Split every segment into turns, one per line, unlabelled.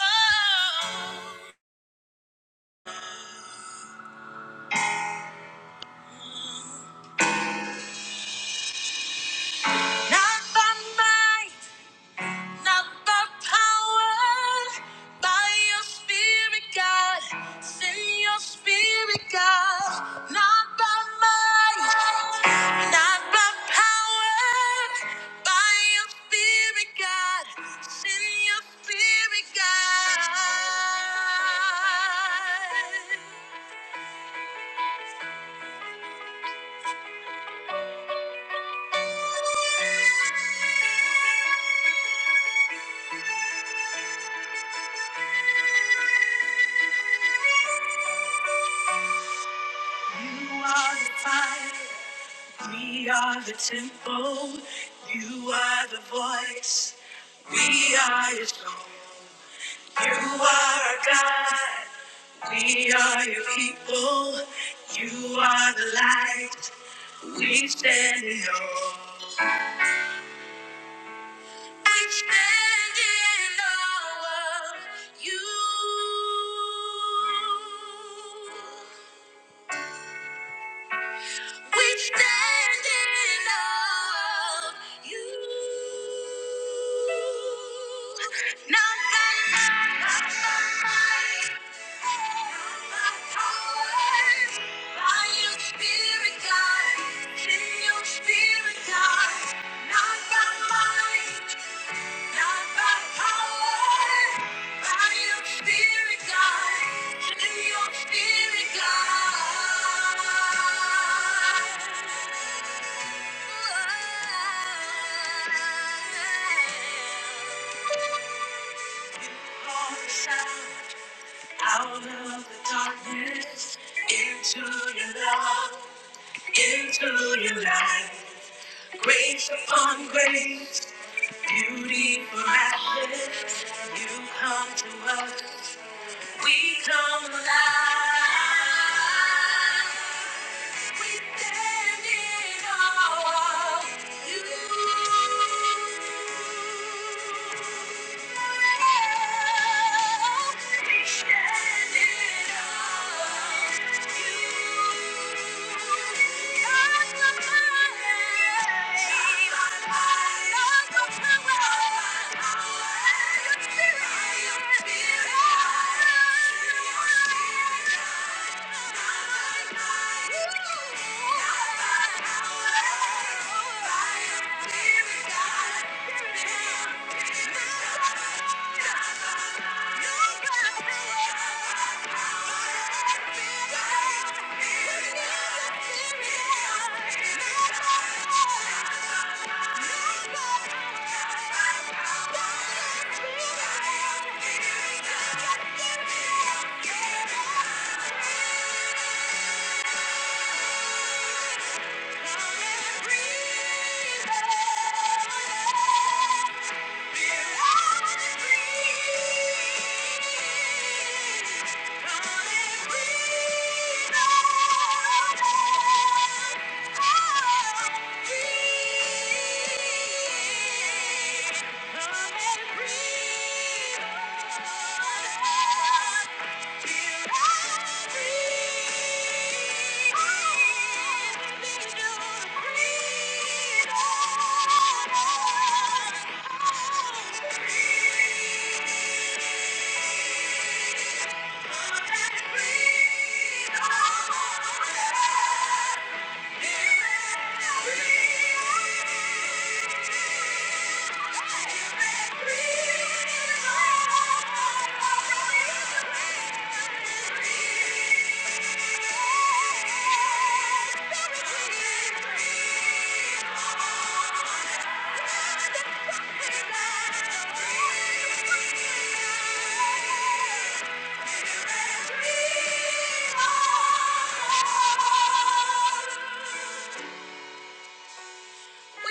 Oh. Not by might, not by power, by your spirit, God. Send your spirit, God. Not by might, not by power, by your spirit, God. Send your spirit, God. You are the fire. We are the temple, you are the voice, we are your song. You are our God, we are your people, you are the light, we stand in awe. We stand in awe of you. We stand in awe of you. Now God, my might, not by power, by your spirit, God, send your spirit, God. Not by might, out of the darkness into your love, into your light, grace upon grace. Beauty Beautiful ashes, you come to us. We come alive. We stand in awe of you. We stand in awe. of Thank you. Yeah. Come and breathe on us. Thank you. We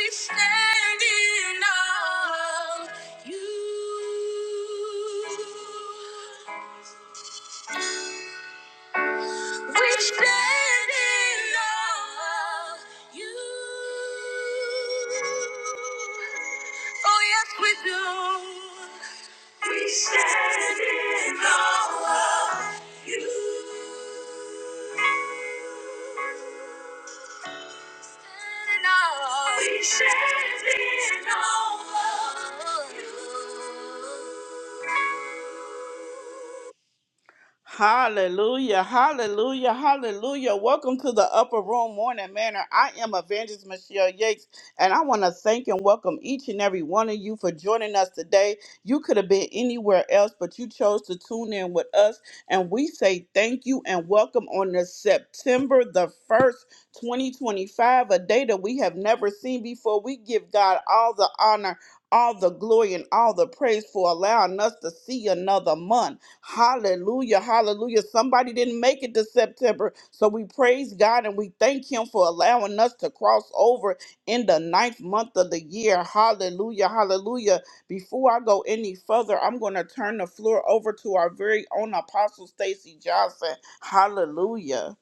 stand in awe of you. We stand in awe of you. Oh, yes, we do. We stand in awe of you. Stand in awe. We stand in awe of you. Hallelujah, hallelujah, hallelujah. Welcome to the Upper Room Morning Manor. I am Evangelist Michelle Yates, and I want to thank and welcome each and every one of you for joining us today. You could have been anywhere else, but you chose to tune in with us, and we say thank you and welcome on this September the 1st, 2025, a day that we have never seen before. We give God all the honor, all the glory, and all the praise for allowing us to see another month. Hallelujah. Hallelujah. Somebody didn't make it to September. So we praise God and we thank Him for allowing us to cross over in the ninth month of the year. Hallelujah. Hallelujah. Before I go any further, I'm going to turn the floor over to our very own Apostle Stacy Johnson. Hallelujah.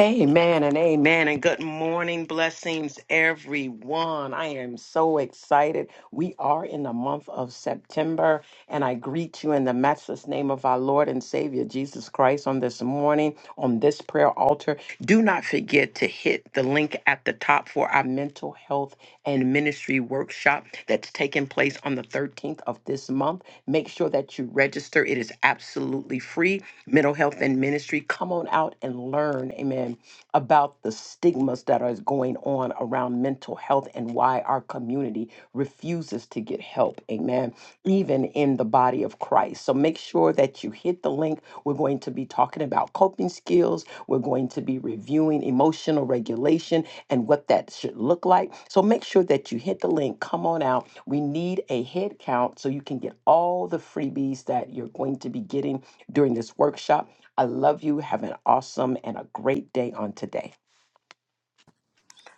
Amen and amen and good morning. Blessings, everyone. I am so excited. We are in the month of September. And I greet you in the matchless name of our Lord and Savior Jesus Christ on this morning, on this prayer altar. Do not forget to hit the link at the top for our mental health and ministry workshop that's taking place on the 13th of this month. Make sure that you register, it is absolutely free. Mental health and ministry. Come on out and learn. Amen about the stigmas that are going on around mental health and why our community refuses to get help. Amen. Even in the body of Christ. So make sure that you hit the link. We're going to be talking about coping skills. We're going to be reviewing emotional regulation and what that should look like. So make sure that you hit the link. Come on out. We need a head count so you can get all the freebies that you're going to be getting during this workshop. I love you. Have an awesome and a great day on today.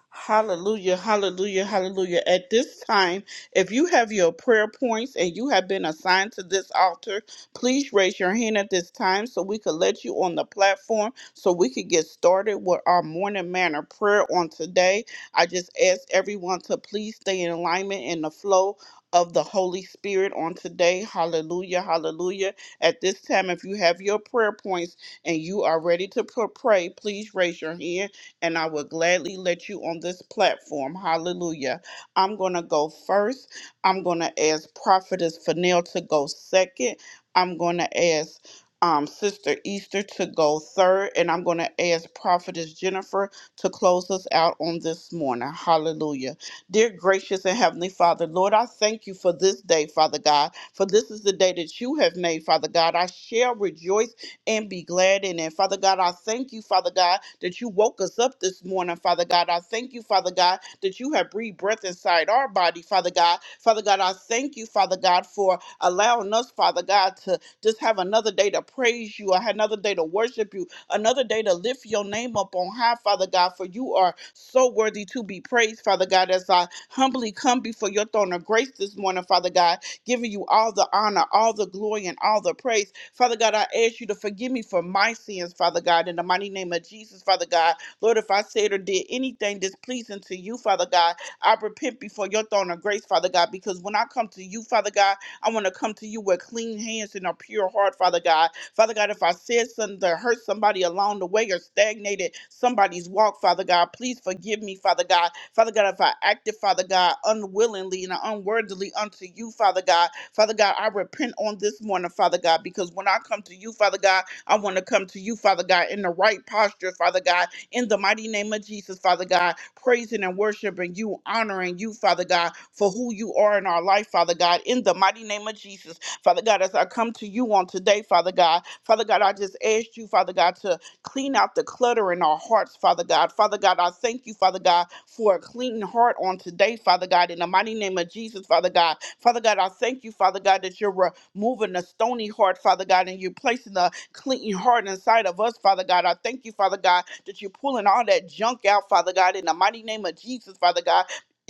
Hallelujah, hallelujah, hallelujah. At this time, if you have your prayer points and you have been assigned to this altar, please raise your hand at this time so we could let you on the platform so we could get started with our morning manner prayer on today. I just ask everyone to please stay in alignment in the flow of the Holy Spirit on today. Hallelujah, hallelujah. At this time, if you have your prayer points and you are ready to pr- pray, please raise your hand and I would gladly let you on this platform. Hallelujah. I'm going to go first. I'm going to ask Prophetess Fennell to go second. I'm going to ask um, Sister Easter to go third, and I'm going to ask Prophetess Jennifer to close us out on this morning. Hallelujah. Dear gracious and heavenly Father, Lord, I thank you for this day, Father God, for this is the day that you have made, Father God. I shall rejoice and be glad in it. Father God, I thank you, Father God, that you woke us up this morning, Father God. I thank you, Father God, that you have breathed breath inside our body, Father God. Father God, I thank you, Father God, for allowing us, Father God, to just have another day to praise you, or another day to worship you, another day to lift your name up on high, Father God, for you are so worthy to be praised, Father God, as I humbly come before your throne of grace this morning, Father God, giving you all the honor, all the glory, and all the praise. Father God, I ask you to forgive me for my sins, Father God, in the mighty name of Jesus, Father God. Lord, if I said or did anything displeasing to you, Father God, I repent before your throne of grace, Father God, because when I come to you, Father God, I want to come to you with clean hands and a pure heart, Father God. Father God, if I said something that hurt somebody along the way or stagnated somebody's walk, Father God, please forgive me, Father God. Father God, if I acted, Father God, unwillingly and unworthily unto you, Father God, Father God, I repent on this morning, Father God, because when I come to you, Father God, I want to come to you, Father God, in the right posture, Father God, in the mighty name of Jesus, Father God, praising and worshiping you, honoring you, Father God, for who you are in our life, Father God, in the mighty name of Jesus, Father God, as I come to you on today, Father God, Father God, I just asked you, Father God, to Clean out the clutter in our hearts, Father God. Father God, I thank you, Father God, for a clean heart on today, Father God, in the mighty name of Jesus, Father God. Father God, I thank you, Father God, that you're removing the stony heart, Father God, and you're placing the clean heart inside of us, Father God. I thank you, Father God, that you're pulling all that junk out, Father God, in the mighty name of Jesus, Father God.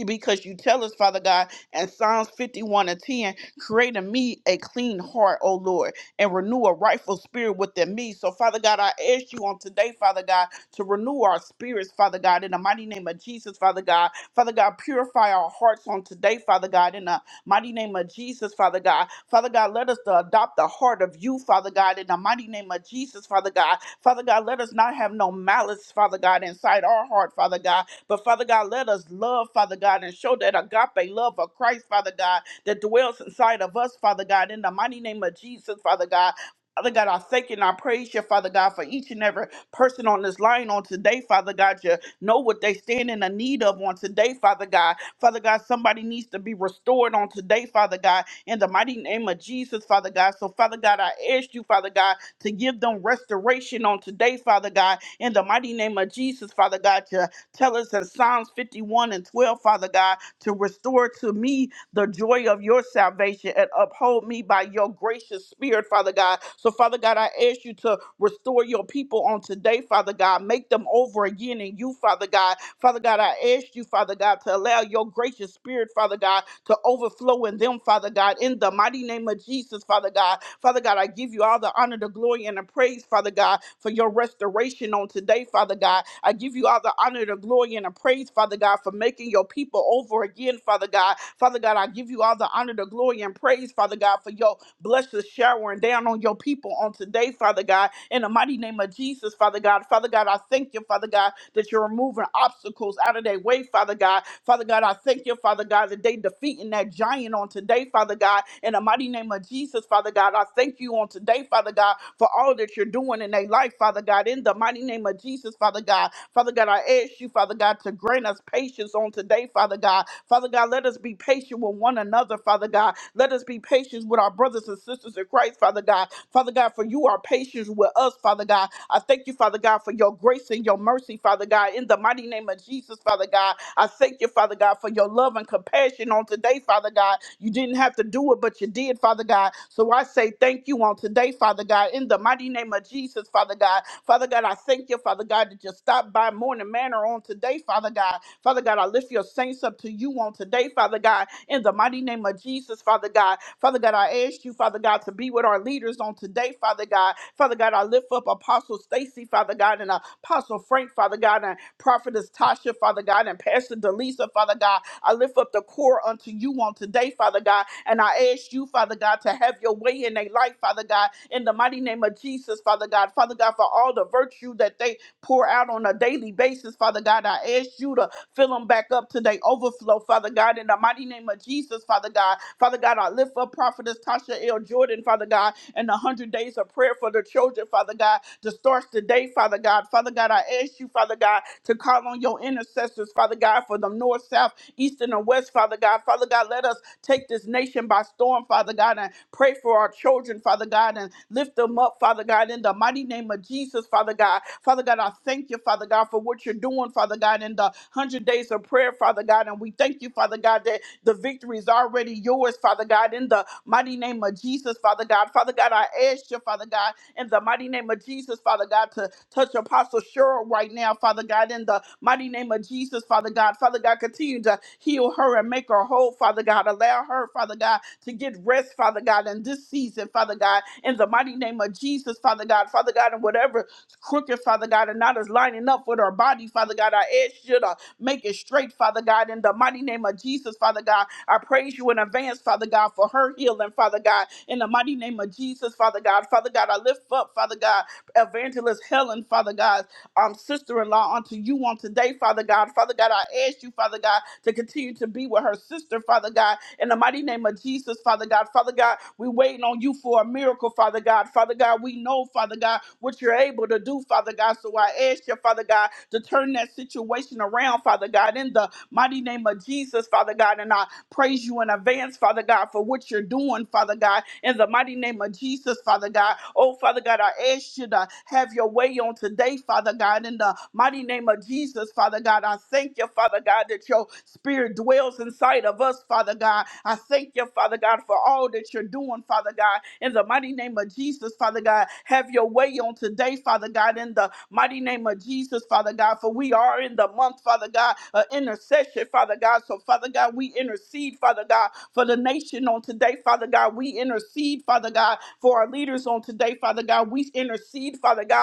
Because you tell us, Father God, in Psalms 51 and 10, create in me a clean heart, O Lord and renew a rightful spirit within me. So, Father God, I ask you on today, Father God, to renew our spirits, Father God, in the mighty name of Jesus, Father God. Father God, purify our hearts on today, Father God, in the Mighty name of Jesus, Father God. Father God, let us to adopt the heart of you, Father God, in the mighty name of Jesus, Father God. Father God, let us not have no malice, Father God, inside our heart, Father God. But Father God, let us love, Father God, and show that agape love of Christ, Father God, that dwells inside of us, Father God, in the mighty name of Jesus, Father God. Father God, I thank you and I praise you, Father God, for each and every person on this line on today, Father God. You know what they stand in the need of on today, Father God. Father God, somebody needs to be restored on today, Father God, in the mighty name of Jesus, Father God. So, Father God, I ask you, Father God, to give them restoration on today, Father God, in the mighty name of Jesus, Father God, to tell us in Psalms 51 and 12, Father God, to restore to me the joy of your salvation and uphold me by your gracious spirit, Father God. So, Father God, I ask you to restore your people on today, Father God. Make them over again in you, Father God. Father God, I ask you, Father God, to allow your gracious spirit, Father God, to overflow in them, Father God, in the mighty name of Jesus, Father God. Father God, I give you all the honor, the glory, and the praise, Father God, for your restoration on today, Father God. I give you all the honor, the glory, and the praise, Father God, for making your people over again, Father God. Father God, I give you all the honor, the glory, and praise, Father God, for your blessed showering down on your people on today, Father God. In the mighty name of Jesus, Father God. Father God, I thank you, Father God, that you're removing obstacles out of their way, Father God. Father God, I thank you, Father God, that they defeating that giant on today, Father God. In the mighty name of Jesus, Father God, I thank you on today, Father God, for all that you're doing in their life, Father God. In the mighty name of Jesus, Father God. Father God, I ask you, Father God, to grant us patience on today, Father God. Father God, let us be patient with one another, Father God. Let us be patient with our brothers and sisters in Christ, Father God. Father God, for you are patient with us, Father God. I thank you, Father God, for your grace and your mercy, Father God, in the mighty name of Jesus, Father God. I thank you, Father God, for your love and compassion on today, Father God. You didn't have to do it, but you did, Father God. So I say thank you on today, Father God, in the mighty name of Jesus, Father God. Father God, I thank you, Father God, that you stopped by Morning Manor on today, Father God. Father God, I lift your saints up to you on today, Father God in the mighty name of Jesus, Father God. Father God, I ask you, Father God, to be with our leaders on today, Father God. Father God, I lift up Apostle Stacy, Father God, and Apostle Frank, Father God, and Prophetess Tasha, Father God, and Pastor Delisa, Father God. I lift up the core unto you on today, Father God, and I ask you, Father God, to have your way in their life, Father God, in the mighty name of Jesus, Father God. Father God, for all the virtue that they pour out on a daily basis, Father God. I ask you to fill them back up to their overflow, Father God, in the mighty name of Jesus, Father God. Father God, I lift up Prophetess Tasha L. Jordan, Father God, and the 100 days of prayer for the children, Father God, that starts today, Father God. Father God, I ask you, Father God, to call on your intercessors, Father God, for the north, south, east, and the west, Father God. Father God, let us Take this nation by storm, Father God, and pray for our children, Father God, and lift them up, Father God, in the mighty name of Jesus, Father God. Father God, I thank you, Father God, for what you're doing, Father God, in the 100 days of prayer, Father God. And we thank you, Father God, that the victory is already yours, Father God, in the mighty name of Jesus, Father God. Father God, I ask you, Father God in the mighty name of Jesus, Father God, to touch Apostle Cheryl right now, Father God, in the mighty name of Jesus, Father God. Father God, continue to heal her and make her whole, Father God. Allow her, Father God, to get rest, Father God, in this season, Father God, in the mighty name of Jesus, Father God, Father God, and whatever crooked, Father God, and not is lining up with her body, Father God. I ask you to make it straight, Father God, in the mighty name of Jesus, Father God. I praise you in advance, Father God, for her healing, Father God, in the mighty name of Jesus, Father God. Father God, I lift up, Father God, evangelist Helen, Father God, um, sister-in-law unto you on today, Father God. Father God, I ask you, Father God, to continue to be with her sister, Father God, in the mighty name of Jesus, Father God. Father God, we waiting on you for a miracle, Father God. Father God, we know, Father God, what you're able to do, Father God. So I ask you, Father God, to turn that situation around, Father God, in the mighty name of Jesus, Father God. And I Praise you in advance, Father God, for what you're doing, Father God, in the mighty name of Jesus, Father God. Oh, Father God, I ask you to have your way on today, Father God, in the mighty name of Jesus, Father God. I thank you, Father God, that your spirit dwells inside of us, Father God. I thank you, Father God, for all that you're doing, Father God God, in the mighty name of Jesus, Father God. Have your way on today, Father God, in the mighty name of Jesus, Father God, for we are in the month, Father God, of intercession, Father God. So, Father God, we intercede, Father God, for the nation on today, Father God. We intercede, Father God, for our leaders on today, Father God. We intercede, Father God,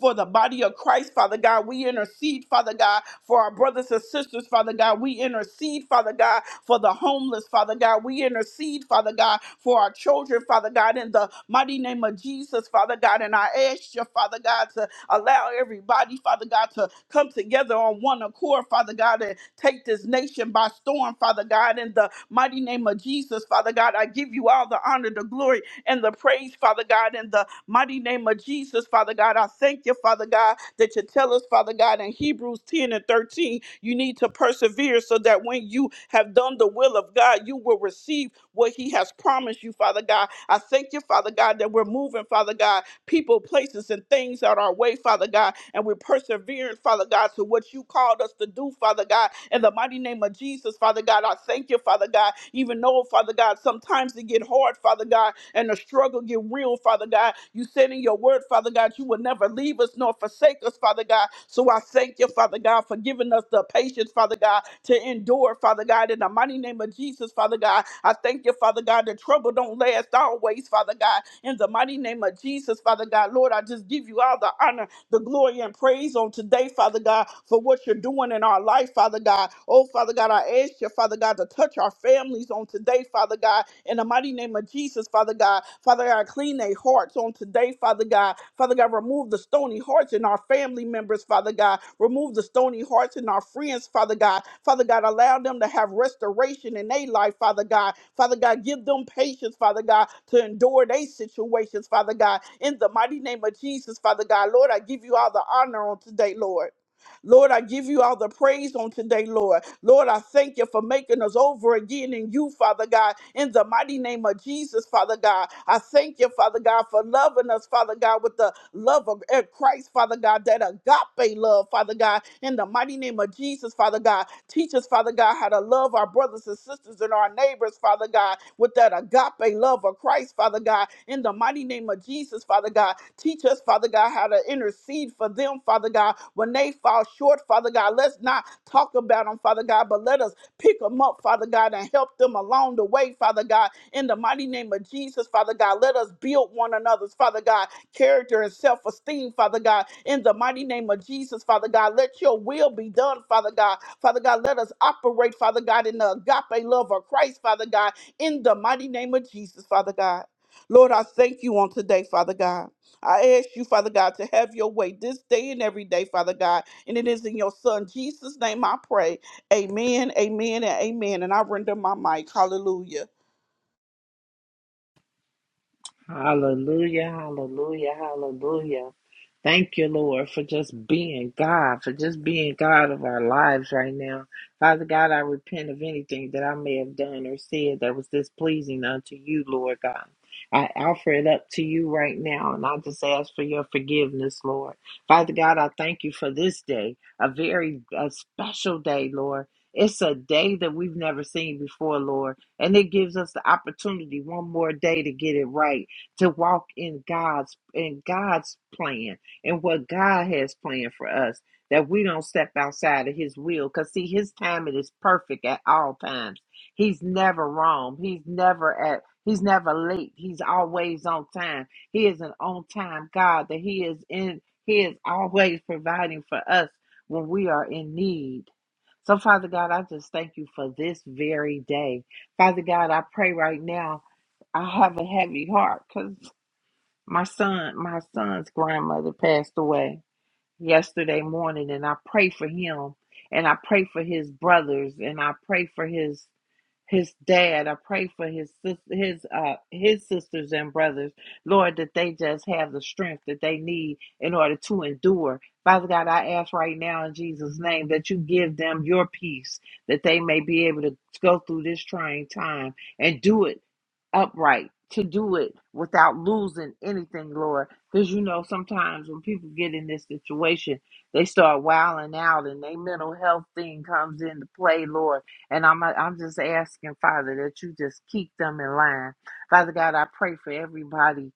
for the body of Christ, Father God. We intercede, Father God, for our brothers and sisters, Father God. We intercede, Father God, for the homeless, Father God. We intercede, Father God, for our children, Father God, in the mighty name of Jesus, Father God. And I ask you, Father God, to allow everybody, Father God, to come together on one accord, Father God, and take this nation by storm, Father God, in the mighty name of Jesus, Father God. I give you all the honor, the glory, and the praise, Father God, in the mighty name of Jesus, Father God. I thank you, Father God, that you tell us, Father God, in Hebrews 10 and 13, you need to persevere so that when you have done the will of God, you will receive what He has promised you, Father God. I thank you, Father God, that we're moving, Father God, people, places, and things out our way, Father God. And we're persevering, Father God, to what you called us to do, Father God. In the mighty name of Jesus, Father God, I thank you, Father God. Even though, Father God, sometimes it get hard, Father God, and the struggle get real, Father God. You said in your word, Father God, you will never leave us nor forsake us, Father God. So I thank you, Father God, for giving us the patience, Father God, to endure, Father God, in the mighty name of Jesus, Father God. I thank you, Father God, that trouble don't last always, Father God. In the mighty name of Jesus, Father God, Lord, I just give you all the honor the glory and praise on today, Father God, for what you're doing in our life, Father God. Oh, Father God, I ask you, Father God, to touch our families on today, Father God, in the mighty name of Jesus, Father God. Father God, clean their hearts on today, Father God. Father God, remove the stony hearts in our family family members, Father God. Remove the stony hearts in our friends, Father God. Father God, allow them to have restoration in their life, Father God. Father God, give them patience, Father God, to endure their situations, Father God. In the mighty name of Jesus, Father God, Lord, I give you all the honor on today, Lord. Lord, I give you all the praise on today, Lord. Lord, I thank you for making us over again in you, Father God, in the mighty name of Jesus, Father God. I thank you, Father God, for loving us, Father God, with the love of eh, Christ, Father God, that agape love, Father God, in the mighty name of Jesus, Father us, Father God. Teach us, Father God, how to love our brothers and sisters and our neighbors, Father God, with that agape love of Christ, Father God. In the mighty name of Jesus, Father God. Teach us, Father God, how to intercede for them, Father God, when they fall short, Father God. Let's not talk about them, Father God, but let us pick them up, Father God, and help them along the way, Father God. In the mighty name of Jesus, Father God, let us build one another's, Father God character and self esteem, Father God. In the mighty name of Jesus, Father God, let your will be done, Father God. Father God, let us operate, Father God, in the agape love of Christ, Father God. In the mighty name of Jesus, Father God. Lord, I thank you on today, Father God. I ask you, Father God, to have your way this day and every day, Father God. And it is in your Son, Jesus' name, I pray. Amen, amen, and amen. And I render my mic. Hallelujah.
Hallelujah, hallelujah, hallelujah. Thank you, Lord, for just being God, for just being God of our lives right now. Father God, I repent of anything that I may have done or said that was displeasing unto you, Lord God. I offer it up to you right now, and I just ask for your forgiveness, Lord. Father God, I thank you for this day, a very a special day, Lord. It's a day that we've never seen before, Lord, and it gives us the opportunity one more day to get it right to walk in God's in God's plan and what God has planned for us. That we don't step outside of His will, because see, His timing is perfect at all times. He's never wrong. He's never at. He's never late. He's always on time. He is an on time God. That He is in. He is always providing for us when we are in need. So, Father God, I just thank you for this very day. Father God, I pray right now. I have a heavy heart cause. My son, my son's grandmother passed away yesterday morning, and I pray for him, and I pray for his brothers, and I pray for his his dad. I pray for his sis- his uh his sisters and brothers, Lord, that they just have the strength that they need in order to endure. Father God, I ask right now in Jesus' name that you give them your peace, that they may be able to go through this trying time and do it upright to do it without losing anything, Lord. Because you know, sometimes when people get in this situation, they start wilding out and their mental health thing comes into play, Lord. And I'm I'm just asking, Father, that you just keep them in line. Father God, I pray for everybody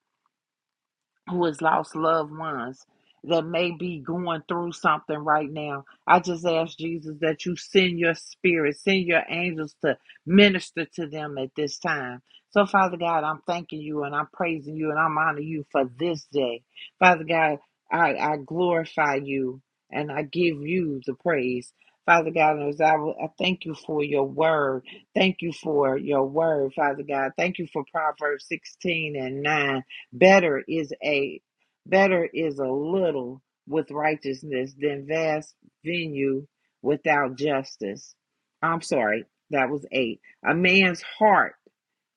who has lost loved ones that may be going through something right now. I just ask Jesus that you send your spirit, send your angels to minister to them at this time. So, Father God, I'm thanking you and I'm praising you and I'm honoring you for this day. Father God, I, I glorify you and I give you the praise. Father God, as I, I thank you for your word. Thank you for your word, Father God. Thank you for Proverbs 16 and 9. Better is a better is a little with righteousness than vast venue without justice. I'm sorry, that was eight. A man's heart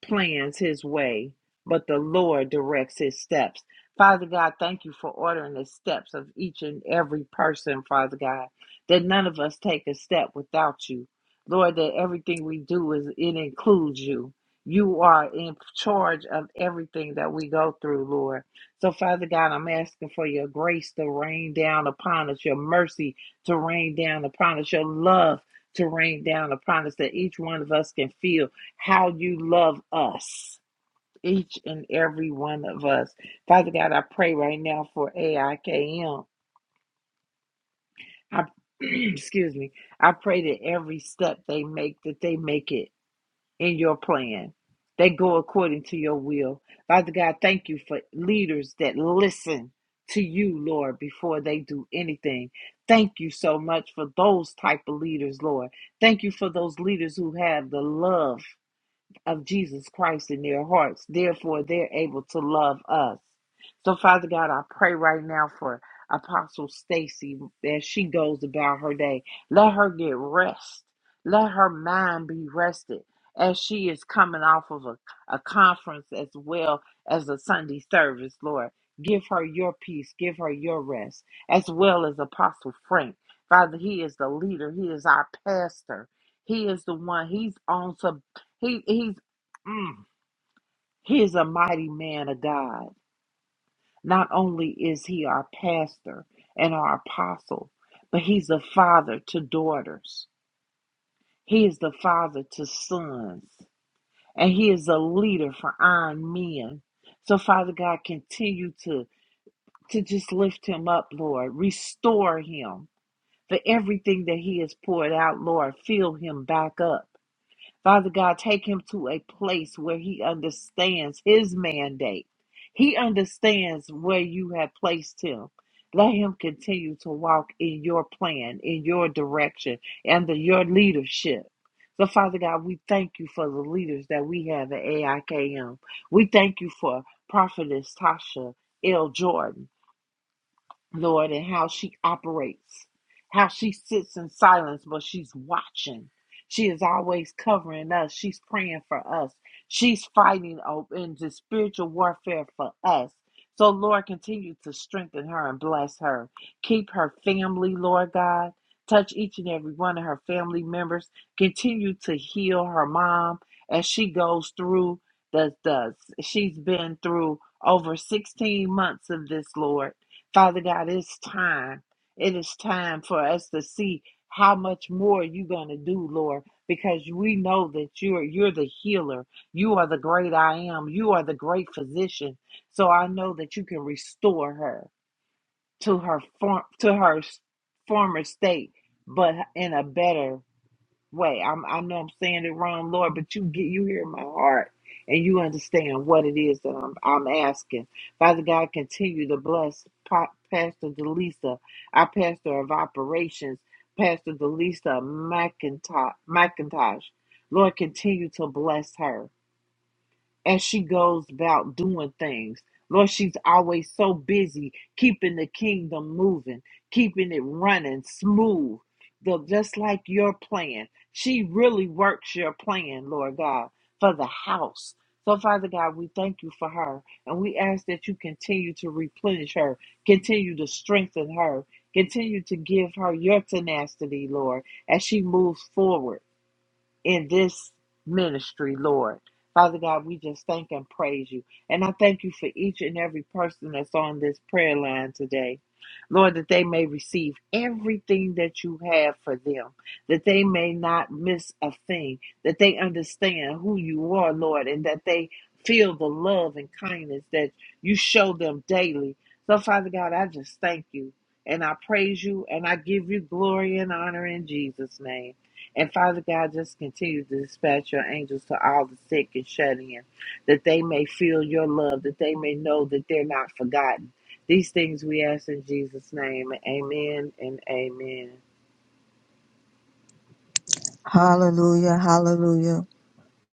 plans his way, but the Lord directs his steps. Father God, thank you for ordering the steps of each and every person, Father God, that none of us take a step without you. Lord, that everything we do is it includes you. You are in charge of everything that we go through, Lord. So, Father God, I'm asking for your grace to rain down upon us, your mercy to rain down upon us, your love to rain down upon us, that each one of us can feel how you love us, each and every one of us. Father God, I pray right now for AIKM. excuse me. I pray that every step they make, that they make it in your plan. They go according to your will. Father God, thank you for leaders that listen to you, Lord, before they do anything. Thank you so much for those type of leaders, Lord. Thank you for those leaders who have the love of Jesus Christ in their hearts. Therefore, they're able to love us. So, Father God, I pray right now for Apostle Stacy as she goes about her day. Let her get rest. Let her mind be rested as she is coming off of a, a conference as well as a Sunday service, Lord. Give her your peace. Give her your rest, as well as Apostle Frank. Father, he is the leader. He is our pastor. He is the one. He's on sabbatical he he's mm, he is a mighty man of God. Not only is he our pastor and our apostle, but he's a father to daughters. He is the father to sons, and he is a leader for iron men. So Father God, continue to to just lift him up, Lord. Restore him for everything that he has poured out, Lord. Fill him back up. Father God, take him to a place where he understands his mandate. He understands where you have placed him. Let him continue to walk in your plan, in your direction, under your leadership. So, Father God, we thank you for the leaders that we have at AIKM. We thank you for Prophetess Tasha L. Jordan. Lord, and how she operates, how she sits in silence, but she's watching. She is always covering us. She's praying for us. She's fighting o- in the spiritual warfare for us. So, Lord, continue to strengthen her and bless her. Keep her family, Lord God. Touch each and every one of her family members. Continue to heal her mom as she goes through the, the she's been through over 16 months of this, Lord Father God, it's time. It is time for us to see how much more you're going to do, Lord, because we know that you're you're the healer. You are the great I am. You are the great physician. So I know that you can restore her to her form to her s- former state, but in a better way. I'm, I know I'm saying it wrong, Lord, but you get you hear my heart and you understand what it is that I'm, I'm asking. Father God, continue to bless Pa- Pastor Delisa, our pastor of operations, Pastor Delisa McIntosh. McIntosh. Lord, continue to bless her as she goes about doing things. Lord, she's always so busy keeping the kingdom moving, keeping it running smooth, the, just like your plan. She really works your plan, Lord God, for the house. So, Father God, we thank you for her, and we ask that you continue to replenish her, continue to strengthen her, continue to give her your tenacity, Lord, as she moves forward in this ministry, Lord. Father God, we just thank and praise you. And I thank you for each and every person that's on this prayer line today. Lord, that they may receive everything that you have for them, that they may not miss a thing, that they understand who you are, Lord, and that they feel the love and kindness that you show them daily. So, Father God, I just thank you and I praise you and I give you glory and honor in Jesus' name. And Father God, just continue to dispatch your angels to all the sick and shut in, that they may feel your love, that they may know that they're not forgotten. These things we ask in Jesus' name. Amen and amen.
Hallelujah, hallelujah.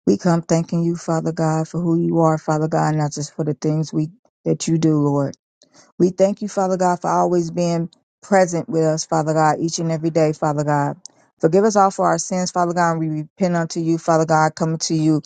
We come thanking you, Father God, for who you are, Father God, not just for the things we that you do, Lord. We thank you, Father God, for always being present with us, Father God, each and every day, Father God. Forgive us all for our sins, Father God, and we repent unto you, Father God, coming to you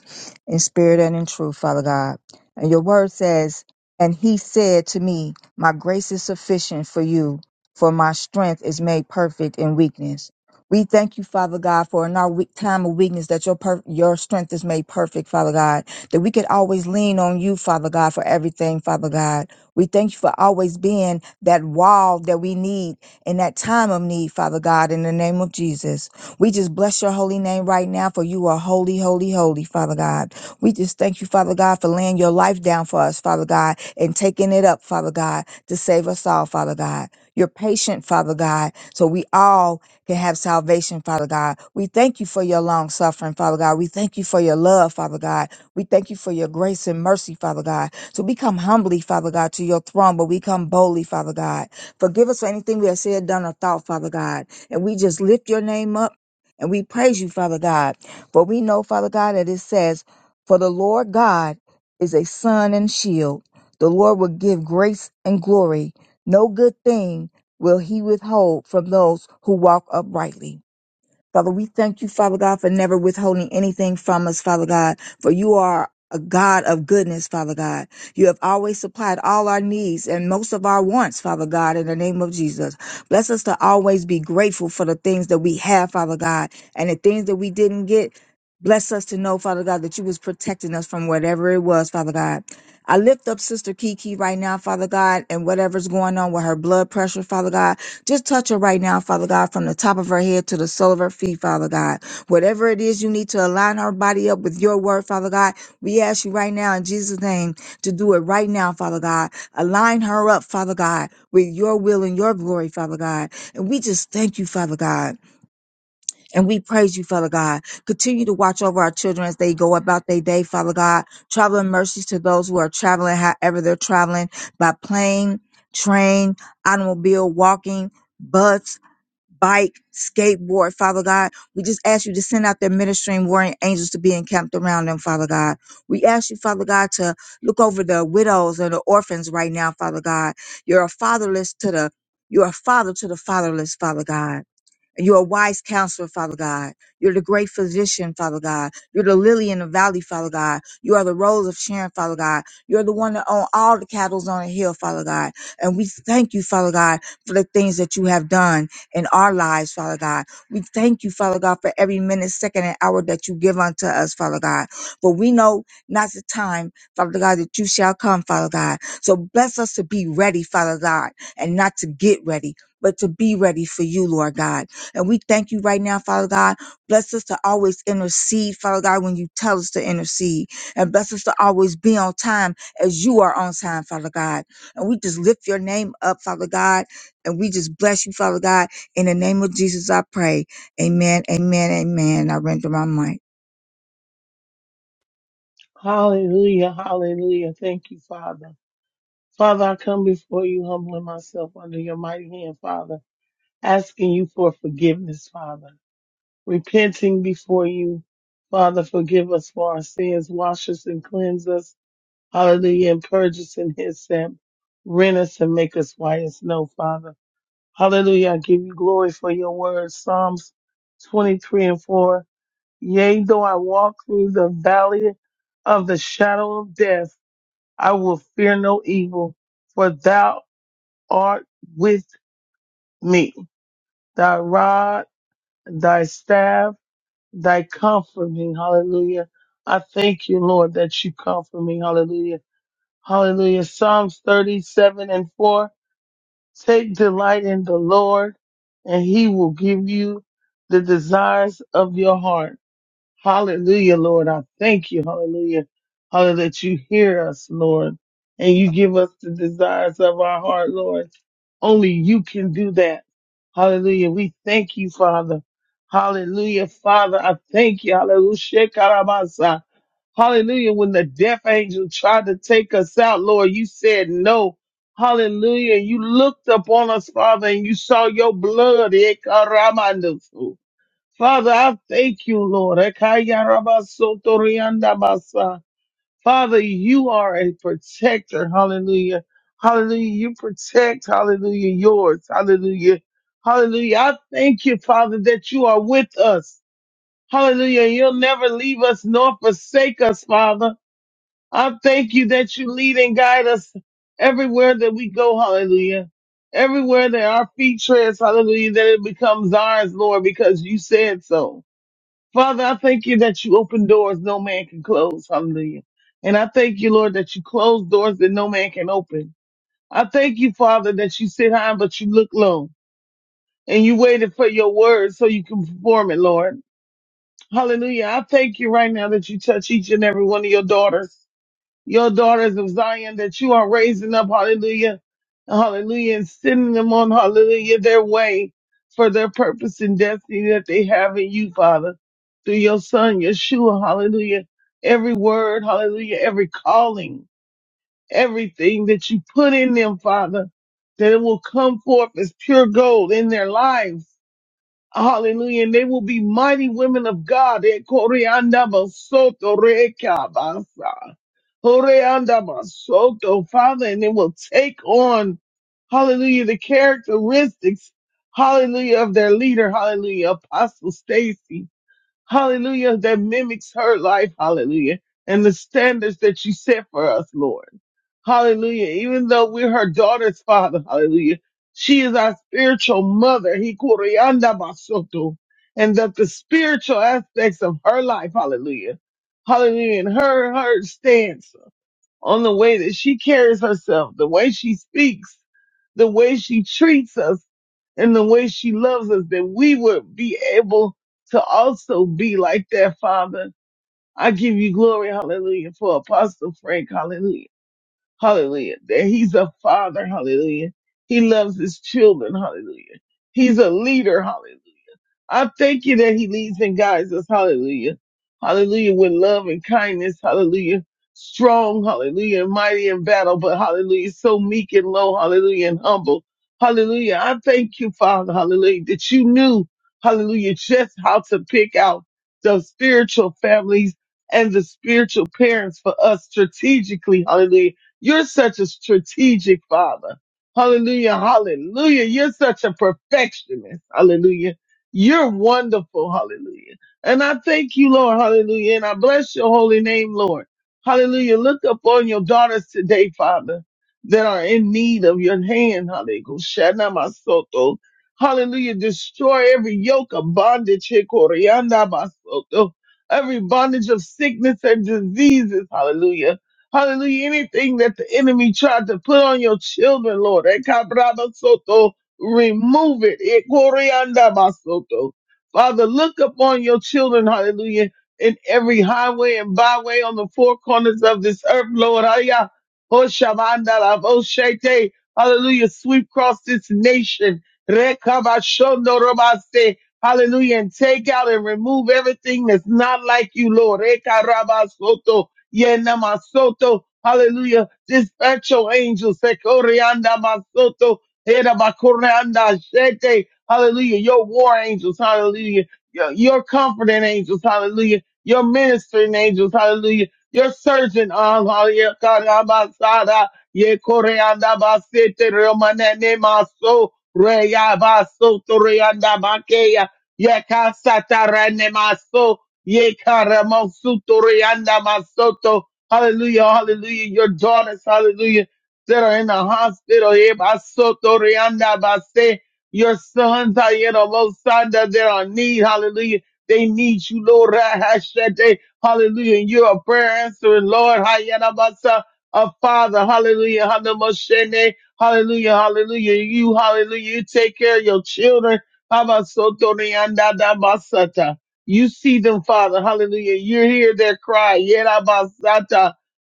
in spirit and in truth, Father God. And your word says, And he said to me, My grace is sufficient for you, for my strength is made perfect in weakness. We thank you, Father God, for in our weak time of weakness that your per- your strength is made perfect, Father God. That we could always lean on you, Father God, for everything, Father God we thank you for always being that wall that we need in that time of need, Father God, in the name of Jesus. We just bless your holy name right now, for you are holy, holy, holy, Father God. We just thank you, Father God, for laying your life down for us, Father God, and taking it up, Father God, to save us all, Father God. You're patient, Father God, so we all can have salvation, Father God. We thank you for your long suffering, Father God. We thank you for your love, Father God. We thank you for your grace and mercy, Father God. So we come humbly, Father God, to your throne, but we come boldly, Father God. Forgive us for anything we have said, done, or thought, Father God. And we just lift your name up and we praise you, Father God. For we know, Father God, that it says, For the Lord God is a sun and shield. The Lord will give grace and glory. No good thing will he withhold from those who walk uprightly. Father, we thank you, Father God, for never withholding anything from us, Father God, for you are a God of goodness, Father God. You have always supplied all our needs and most of our wants, Father God, in the name of Jesus. Bless us to always be grateful for the things that we have, Father God, and the things that we didn't get. Bless us to know, Father God, that you was protecting us from whatever it was, Father God. I lift up Sister Kiki right now, Father God, and whatever's going on with her blood pressure, Father God. Just touch her right now, Father God, from the top of her head to the sole of her feet, Father God. Whatever it is you need to align her body up with your word, Father God, we ask you right now in Jesus' name to do it right now, Father God. Align her up, Father God, with your will and your glory, Father God. And we just thank you, Father God. And we praise you, Father God. Continue to watch over our children as they go about their day, Father God. Traveling mercies to those who are traveling, however they're traveling, by plane, train, automobile, walking, bus, bike, skateboard, Father God. We just ask you to send out their ministering warring angels to be encamped around them, Father God. We ask you, Father God, to look over the widows and the orphans right now, Father God. You're a fatherless to the you're a father to the fatherless, Father God. You're a wise counselor, Father God. You're the great physician, Father God. You're the lily in the valley, Father God. You are the rose of Sharon, Father God. You're the one that own all the cattle on the hill, Father God. And we thank you, Father God, for the things that you have done in our lives, Father God. We thank you, Father God, for every minute, second, and hour that you give unto us, Father God. For we know not the time, Father God, that you shall come, Father God. So bless us to be ready, Father God, and not to get ready, but to be ready for you, Lord God and we thank you right now, Father God. Bless us to always intercede, Father God, when you tell us to intercede. And bless us to always be on time as you are on time, Father God. And we just lift your name up, Father God. And we just bless you, Father God. In the name of Jesus, I pray. Amen, amen, amen. I render my mic.
Hallelujah, hallelujah. Thank you, Father. Father, I come before you humbling myself under your mighty hand, Father, asking you for forgiveness, Father, repenting before you. Father, forgive us for our sins, wash us and cleanse us, hallelujah, and purge us in his sin, rent us and make us white as snow, Father. Hallelujah, I give you glory for your word, Psalms 23 and 4. Yea, though I walk through the valley of the shadow of death, I will fear no evil, for thou art with me. Thy rod, thy staff, thy comfort me. Hallelujah. I thank you, Lord, that you comfort me. Hallelujah. Hallelujah. Psalms 37 and 4. Take delight in the Lord, and he will give you the desires of your heart. Hallelujah, Lord. I thank you. Hallelujah. Hallelujah that you hear us, Lord, and you give us the desires of our heart, Lord. Only you can do that. Hallelujah. We thank you, Father. Hallelujah, Father. I thank you. Hallelujah. Shekarabasa. Hallelujah. When the death angel tried to take us out, Lord, you said no. Hallelujah. You looked upon us, Father, and you saw your blood. Ekaramandosu. Father, I thank you, Lord. Ekayarabasotoriandabasa. Father, you are a protector. Hallelujah. Hallelujah. You protect, hallelujah, yours. Hallelujah. Hallelujah. I thank you, Father, that you are with us. Hallelujah. You'll never leave us nor forsake us, Father. I thank you that you lead and guide us everywhere that we go. Hallelujah. Everywhere that our feet treads, hallelujah, that it becomes ours, Lord, because you said so. Father, I thank you that you open doors no man can close. Hallelujah. And I thank you, Lord, that you close doors that no man can open. I thank you, Father, that you sit high, but you look low and you waited for your word so you can perform it, Lord. Hallelujah. I thank you right now that you touch each and every one of your daughters your daughters of Zion that you are raising up, hallelujah, hallelujah, and sending them on, hallelujah, their way for their purpose and destiny that they have in you, Father, through your son, Yeshua, hallelujah, every word, hallelujah, every calling, everything that you put in them, Father, that it will come forth as pure gold in their lives Hallelujah. And they will be mighty women of God. Eh, Koreanda basoto reka basa. Koreanda basoto, Father, and they will take on, hallelujah, the characteristics, hallelujah, of their leader, hallelujah, Apostle Stacy hallelujah, that mimics her life, hallelujah, and the standards that you set for us, Lord. Hallelujah. Even though we're her daughter's father, hallelujah, she is our spiritual mother. He kurianda basoto. And that the spiritual aspects of her life, hallelujah, hallelujah, and her, her stance, on the way that she carries herself, the way she speaks, the way she treats us, and the way she loves us, that we would be able to also be like that, Father. I give you glory, hallelujah, for Apostle Frank, hallelujah, hallelujah, that he's a father, hallelujah. He loves his children, hallelujah. He's a leader, hallelujah. I thank you that he leads and guides us. Hallelujah. Hallelujah. With love and kindness. Hallelujah. Strong. Hallelujah. and Mighty in battle, but hallelujah. So meek and low. Hallelujah. And humble. Hallelujah. I thank you, Father. Hallelujah. That you knew. Hallelujah. Just how to pick out the spiritual families and the spiritual parents for us strategically. Hallelujah. You're such a strategic father. Hallelujah. Hallelujah. You're such a perfectionist. Hallelujah. You're wonderful. Hallelujah. And I thank you, Lord. Hallelujah. And I bless your holy name, Lord. Hallelujah. Look upon your daughters today, Father, that are in need of your hand. Hallelujah. Shana masoto. Hallelujah. Destroy every yoke of bondage. He koreanda masoto. Every bondage of sickness and diseases. Hallelujah. Hallelujah. Anything that the enemy tried to put on your children, Lord. Eka braba soto remove it. Eh, Koryanda Basoto. Father, look upon your children, hallelujah, in every highway and byway on the four corners of this earth, Lord. Hallelujah. Hoshabanda la Boshete. Hallelujah. Sweep across this nation. Rekabashondo Robaste. Hallelujah. And take out and remove everything that's not like you, Lord. Rekarabasoto. Yenamasoto. Hallelujah. Dispatch your angels. Sekorianda Masoto Era of anda shete. Hallelujah. Your war angels. Hallelujah. Your, your comforting angels. Hallelujah. Your ministering angels. Hallelujah. Your surgeon. uh, Hallelujah. Karabasada. Ye kore basete romanene maso. Reya baso tore anda Ye kasata maso. Ye karamosu tore masoto. Hallelujah. Hallelujah. Your daughters. Hallelujah that are in the hospital. eh, basoto rianda base. Your sons are in a low side that they're on need. Hallelujah. They need you, Lord. Rahashete. Hallelujah. And You're a prayer answering, Lord. Hayana basa. A father. Hallelujah. Hanamoshene. Hallelujah. Hallelujah. You, hallelujah. You take care of your children. Habasoto rianda da basata. You see them, Father. Hallelujah. You hear their cry. Yera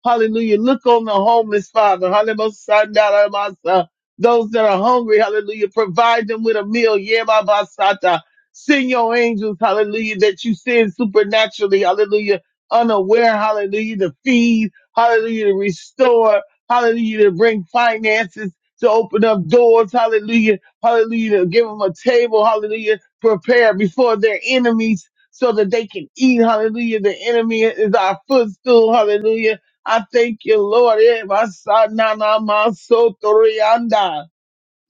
Hallelujah. Look on the homeless, Father. Hallelujah. Sandala masa. Those that are hungry, hallelujah. Provide them with a meal. Yeba basata. Send your angels, hallelujah, that you send supernaturally, hallelujah, unaware, hallelujah, to feed, hallelujah, to restore, hallelujah, to bring finances, to open up doors, hallelujah, hallelujah, to give them a table, hallelujah, prepare before their enemies so that they can eat, hallelujah. The enemy is our footstool, hallelujah I thank you, Lord. Eh, Masanana Masotorianda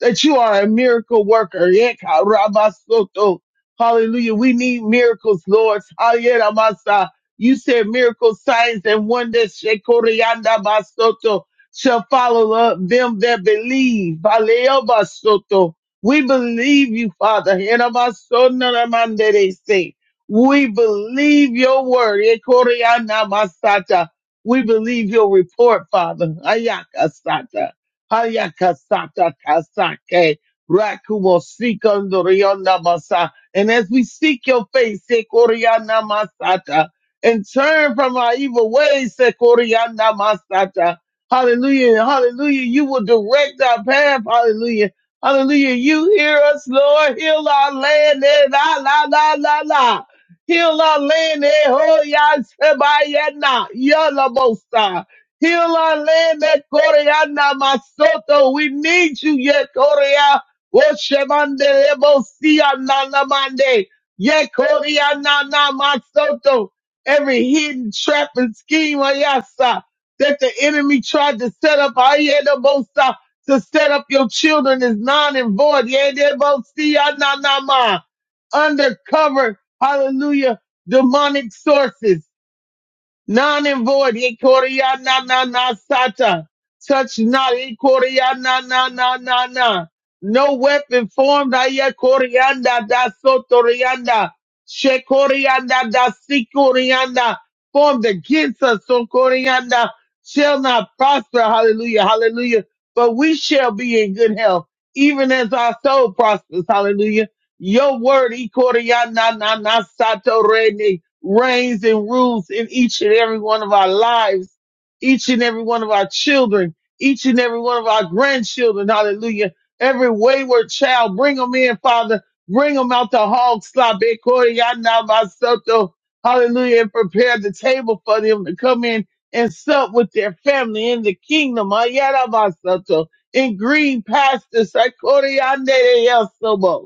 that you are a miracle worker. Yeka rabasoto. Hallelujah. We need miracles, Lord. Ayera masa. You said miracles, signs, and wonders shekorianda basoto, shall follow up them that believe. Valeo basoto. We believe you, Father. Hena basona ramandere se. We believe your word. Yekorianda masata. We believe your report, Father. Ayaka sata. Hayakasata kasake. Rakumo sikondo rionda basa. And as we seek your face, sekoriana masata, and turn from our evil ways, sekoriana masata. Hallelujah, hallelujah. You will direct our path, hallelujah. Hallelujah. You hear us, Lord. Heal our land. eh, La, la, la, la, la. Heal our land. eh, ho, ya, se, ba, ya, na, ya, la, bo, sa. Heal our land, that Korea na masoto. We need you, yet Korea. Woshemande Ebosia na na mande. Yet Korea na na masoto. Every hidden trap and scheme, Ayasa, that the enemy tried to set up, Ayedebosa, to set up your children is non and void. Yedebosia Nanama. Undercover, hallelujah, demonic sources. None and void. Ikoria na na na sata. Touch not. Ikoria na na na na na. No weapon formed. Aya corianda da sotorianda. She corianda da si corianda. Formed against us. So corianda shall not prosper. Hallelujah. Hallelujah. But we shall be in good health. Even as our soul prospers. Hallelujah. Your word, Ikorianana Satorene, reigns and rules in each and every one of our lives, each and every one of our children, each and every one of our grandchildren. Hallelujah. Every wayward child, bring them in, Father. Bring them out the hog slop. Ikoriana Masoto. Hallelujah. And prepare the table for them to come in and sup with their family in the kingdom. Ayana Masoto. In green pastures. Ikoriana Yasobo.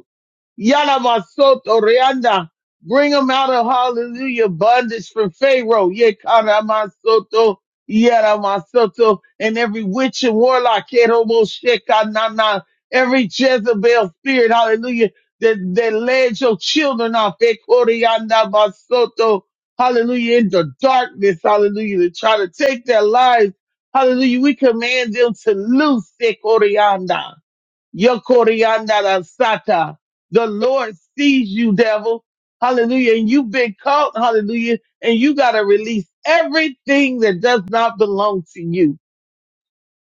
Yana Masoto Reanda. Bring them out of hallelujah bondage from Pharaoh. Yekana Masoto. Yana Masoto. And every witch and warlock. Kerobo Shekanana. Every Jezebel spirit. Hallelujah. That, that led your children off. Ekorianda Masoto. Hallelujah. Into darkness. Hallelujah. To try to take their lives. Hallelujah. We command them to loose. Ekorianda. Yokoriandadasata. The Lord sees you, devil. Hallelujah. And you've been caught. Hallelujah. And you got to release everything that does not belong to you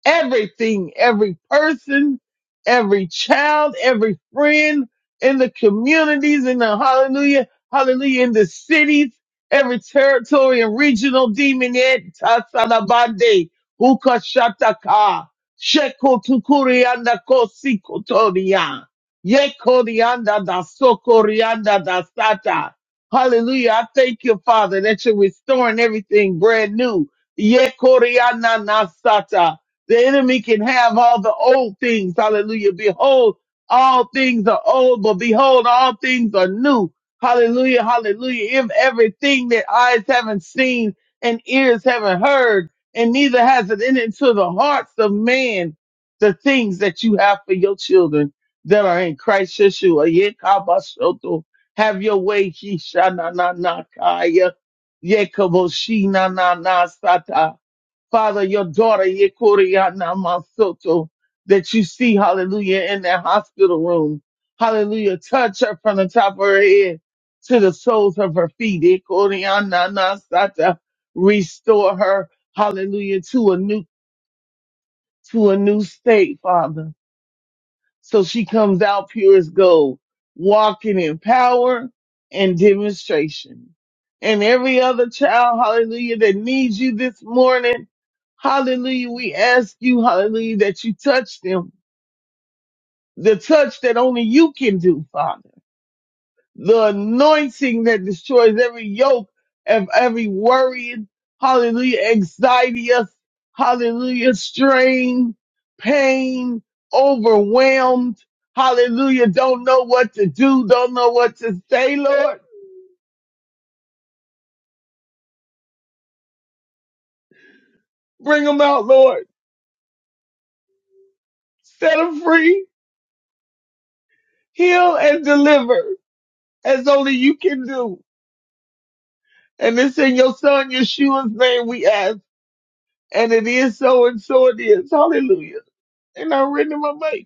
everything, every person, every child, every friend in the communities, in the hallelujah, hallelujah, in the cities, every territory and regional demonette, Tasalabande, Ukashataka, Shekotokurianda Kosikotoria, Yekorianda da Sokorianda da Sata. Hallelujah. I thank you, Father, that you're restoring everything brand new. Yekorianda Nasata. The enemy can have all the old things. Hallelujah. Behold, all things are old, but behold, all things are new. Hallelujah. Hallelujah. If everything that eyes haven't seen and ears haven't heard, and neither has it entered into the hearts of man, the things that you have for your children that are in Christ Yeshua. Yekabashoto. Have your way. He sha na na na kaya. Yekaboshi na na na sata. Father, your daughter, Yekoriana Masoto, that you see, hallelujah, in that hospital room. Hallelujah. Touch her from the top of her head to the soles of her feet. Yekoriana Nasata. Restore her, hallelujah, to a new, to a new state, Father. So she comes out pure as gold, walking in power and demonstration. And every other child, hallelujah, that needs you this morning, hallelujah, we ask you, hallelujah, that you touch them, the touch that only you can do, Father the anointing that destroys every yoke of every worrying, hallelujah, anxiety, hallelujah, strain, pain, overwhelmed, hallelujah, don't know what to do, don't know what to say, Lord. Bring them out, Lord. Set them free, heal and deliver as only you can do. And it's in your son Yeshua's name we ask. And it is so and so it is. Hallelujah. And I am in my mic.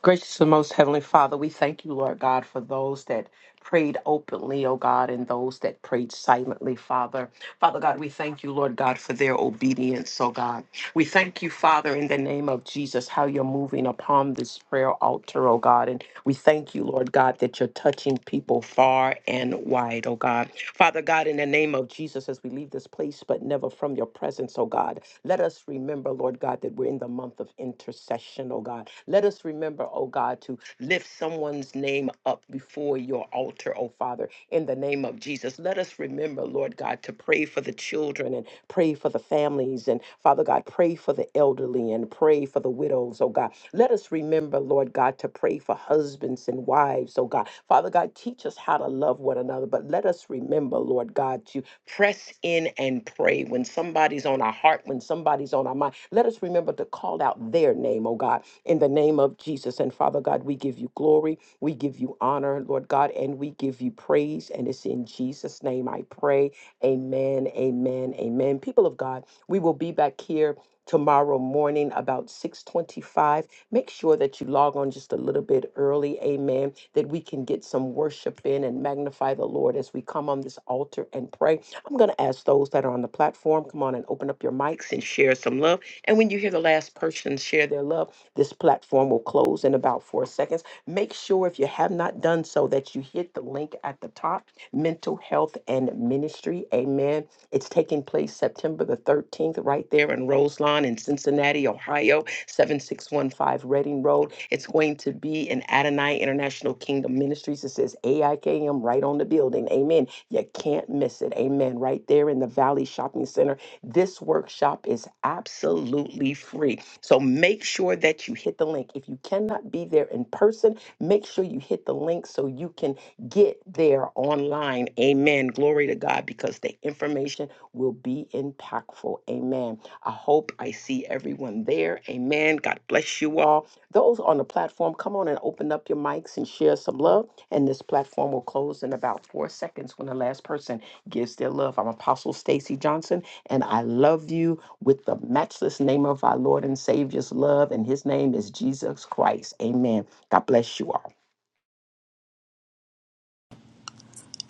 Gracious and most heavenly Father, we thank you, Lord God, for those that prayed openly, oh God, and those that prayed silently, Father. Father God, we thank you, Lord God, for their obedience, oh God. We thank you, Father, in the name of Jesus, how you're moving upon this prayer altar, oh God. And we thank you, Lord God, that you're touching people far and wide, oh God. Father God, in the name of Jesus, as we leave this place, but never from your presence, oh God. Let us remember, Lord God, that we're in the month of intercession, oh God. Let us remember, oh God, to lift someone's name up before your altar, oh Father, in the name of Jesus. Let us remember, Lord God, to pray for the children and. Pray for the families and Father God, pray for the elderly and pray for the widows, oh God. Let us remember, Lord God, to pray for husbands and wives, oh God. Father God, teach us how to love one another, but let us remember, Lord God, to press in and pray when somebody's on our heart, when somebody's on our mind. Let us remember to call out their name, oh God, in the name of Jesus. And Father God, we give you glory, we give you honor, Lord God, and we give you praise. And it's in Jesus' name I pray. Amen, amen, amen. People of God, we will be back here tomorrow morning about 6:25. Make sure that you log on just a little bit early, amen, that we can get some worship in and magnify the Lord as we come on this altar and pray. I'm going to ask those that are on the platform, come on and open up your mics and share some love. And when you hear the last person share their love, this platform will close in about 4 seconds. Make sure if you have not done so that you hit the link at the top Mental Health and Ministry. Amen. It's taking place September the 13th, right there in Roselawn in Cincinnati, Ohio, 7615 Reading Road. It's going to be in Adonai International Kingdom Ministries. It says AIKM right on the building. Amen. You can't miss it. Amen. Right there in the Valley Shopping Center. This workshop is absolutely free. So make sure that you hit the link. If you cannot be there in person, make sure you hit the link so you can get there online. Amen. Glory to God because the information will be impactful. Amen. I hope I see everyone there. Amen. God bless you all. Those on the platform, come on and open up your mics and share some love. And this platform will close in about four seconds when the last person gives their love. I'm Apostle Stacy Johnson, and I love you with the matchless name of our Lord and Savior's love. And his name is Jesus Christ. Amen. God bless you all.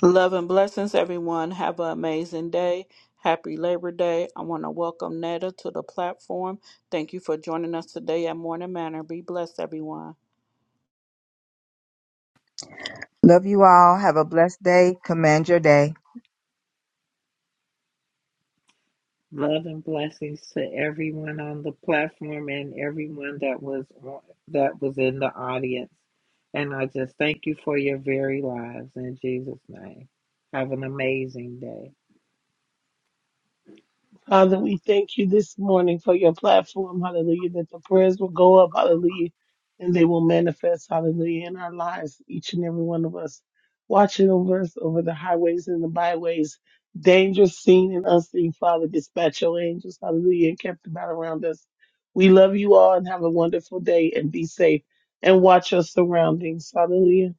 Love and blessings, everyone. Have an amazing day. Happy Labor Day. I want to welcome Netta to the platform. Thank you for joining us today at Morning Manor. Be blessed, everyone.
Love you all. Have a blessed day. Command your day.
Love and blessings to everyone on the platform and everyone that was on, that was in the audience. And I just thank you for your very lives in Jesus' name. Have an amazing day.
Father, we thank you this morning for your platform, hallelujah, that the prayers will go up, hallelujah, and they will manifest, hallelujah, in our lives, each and every one of us, watching over us over the highways and the byways, dangerous, seen and unseen, Father, dispatch your angels, hallelujah, and kept about around us. We love you all and have a wonderful day and be safe and watch your surroundings, hallelujah.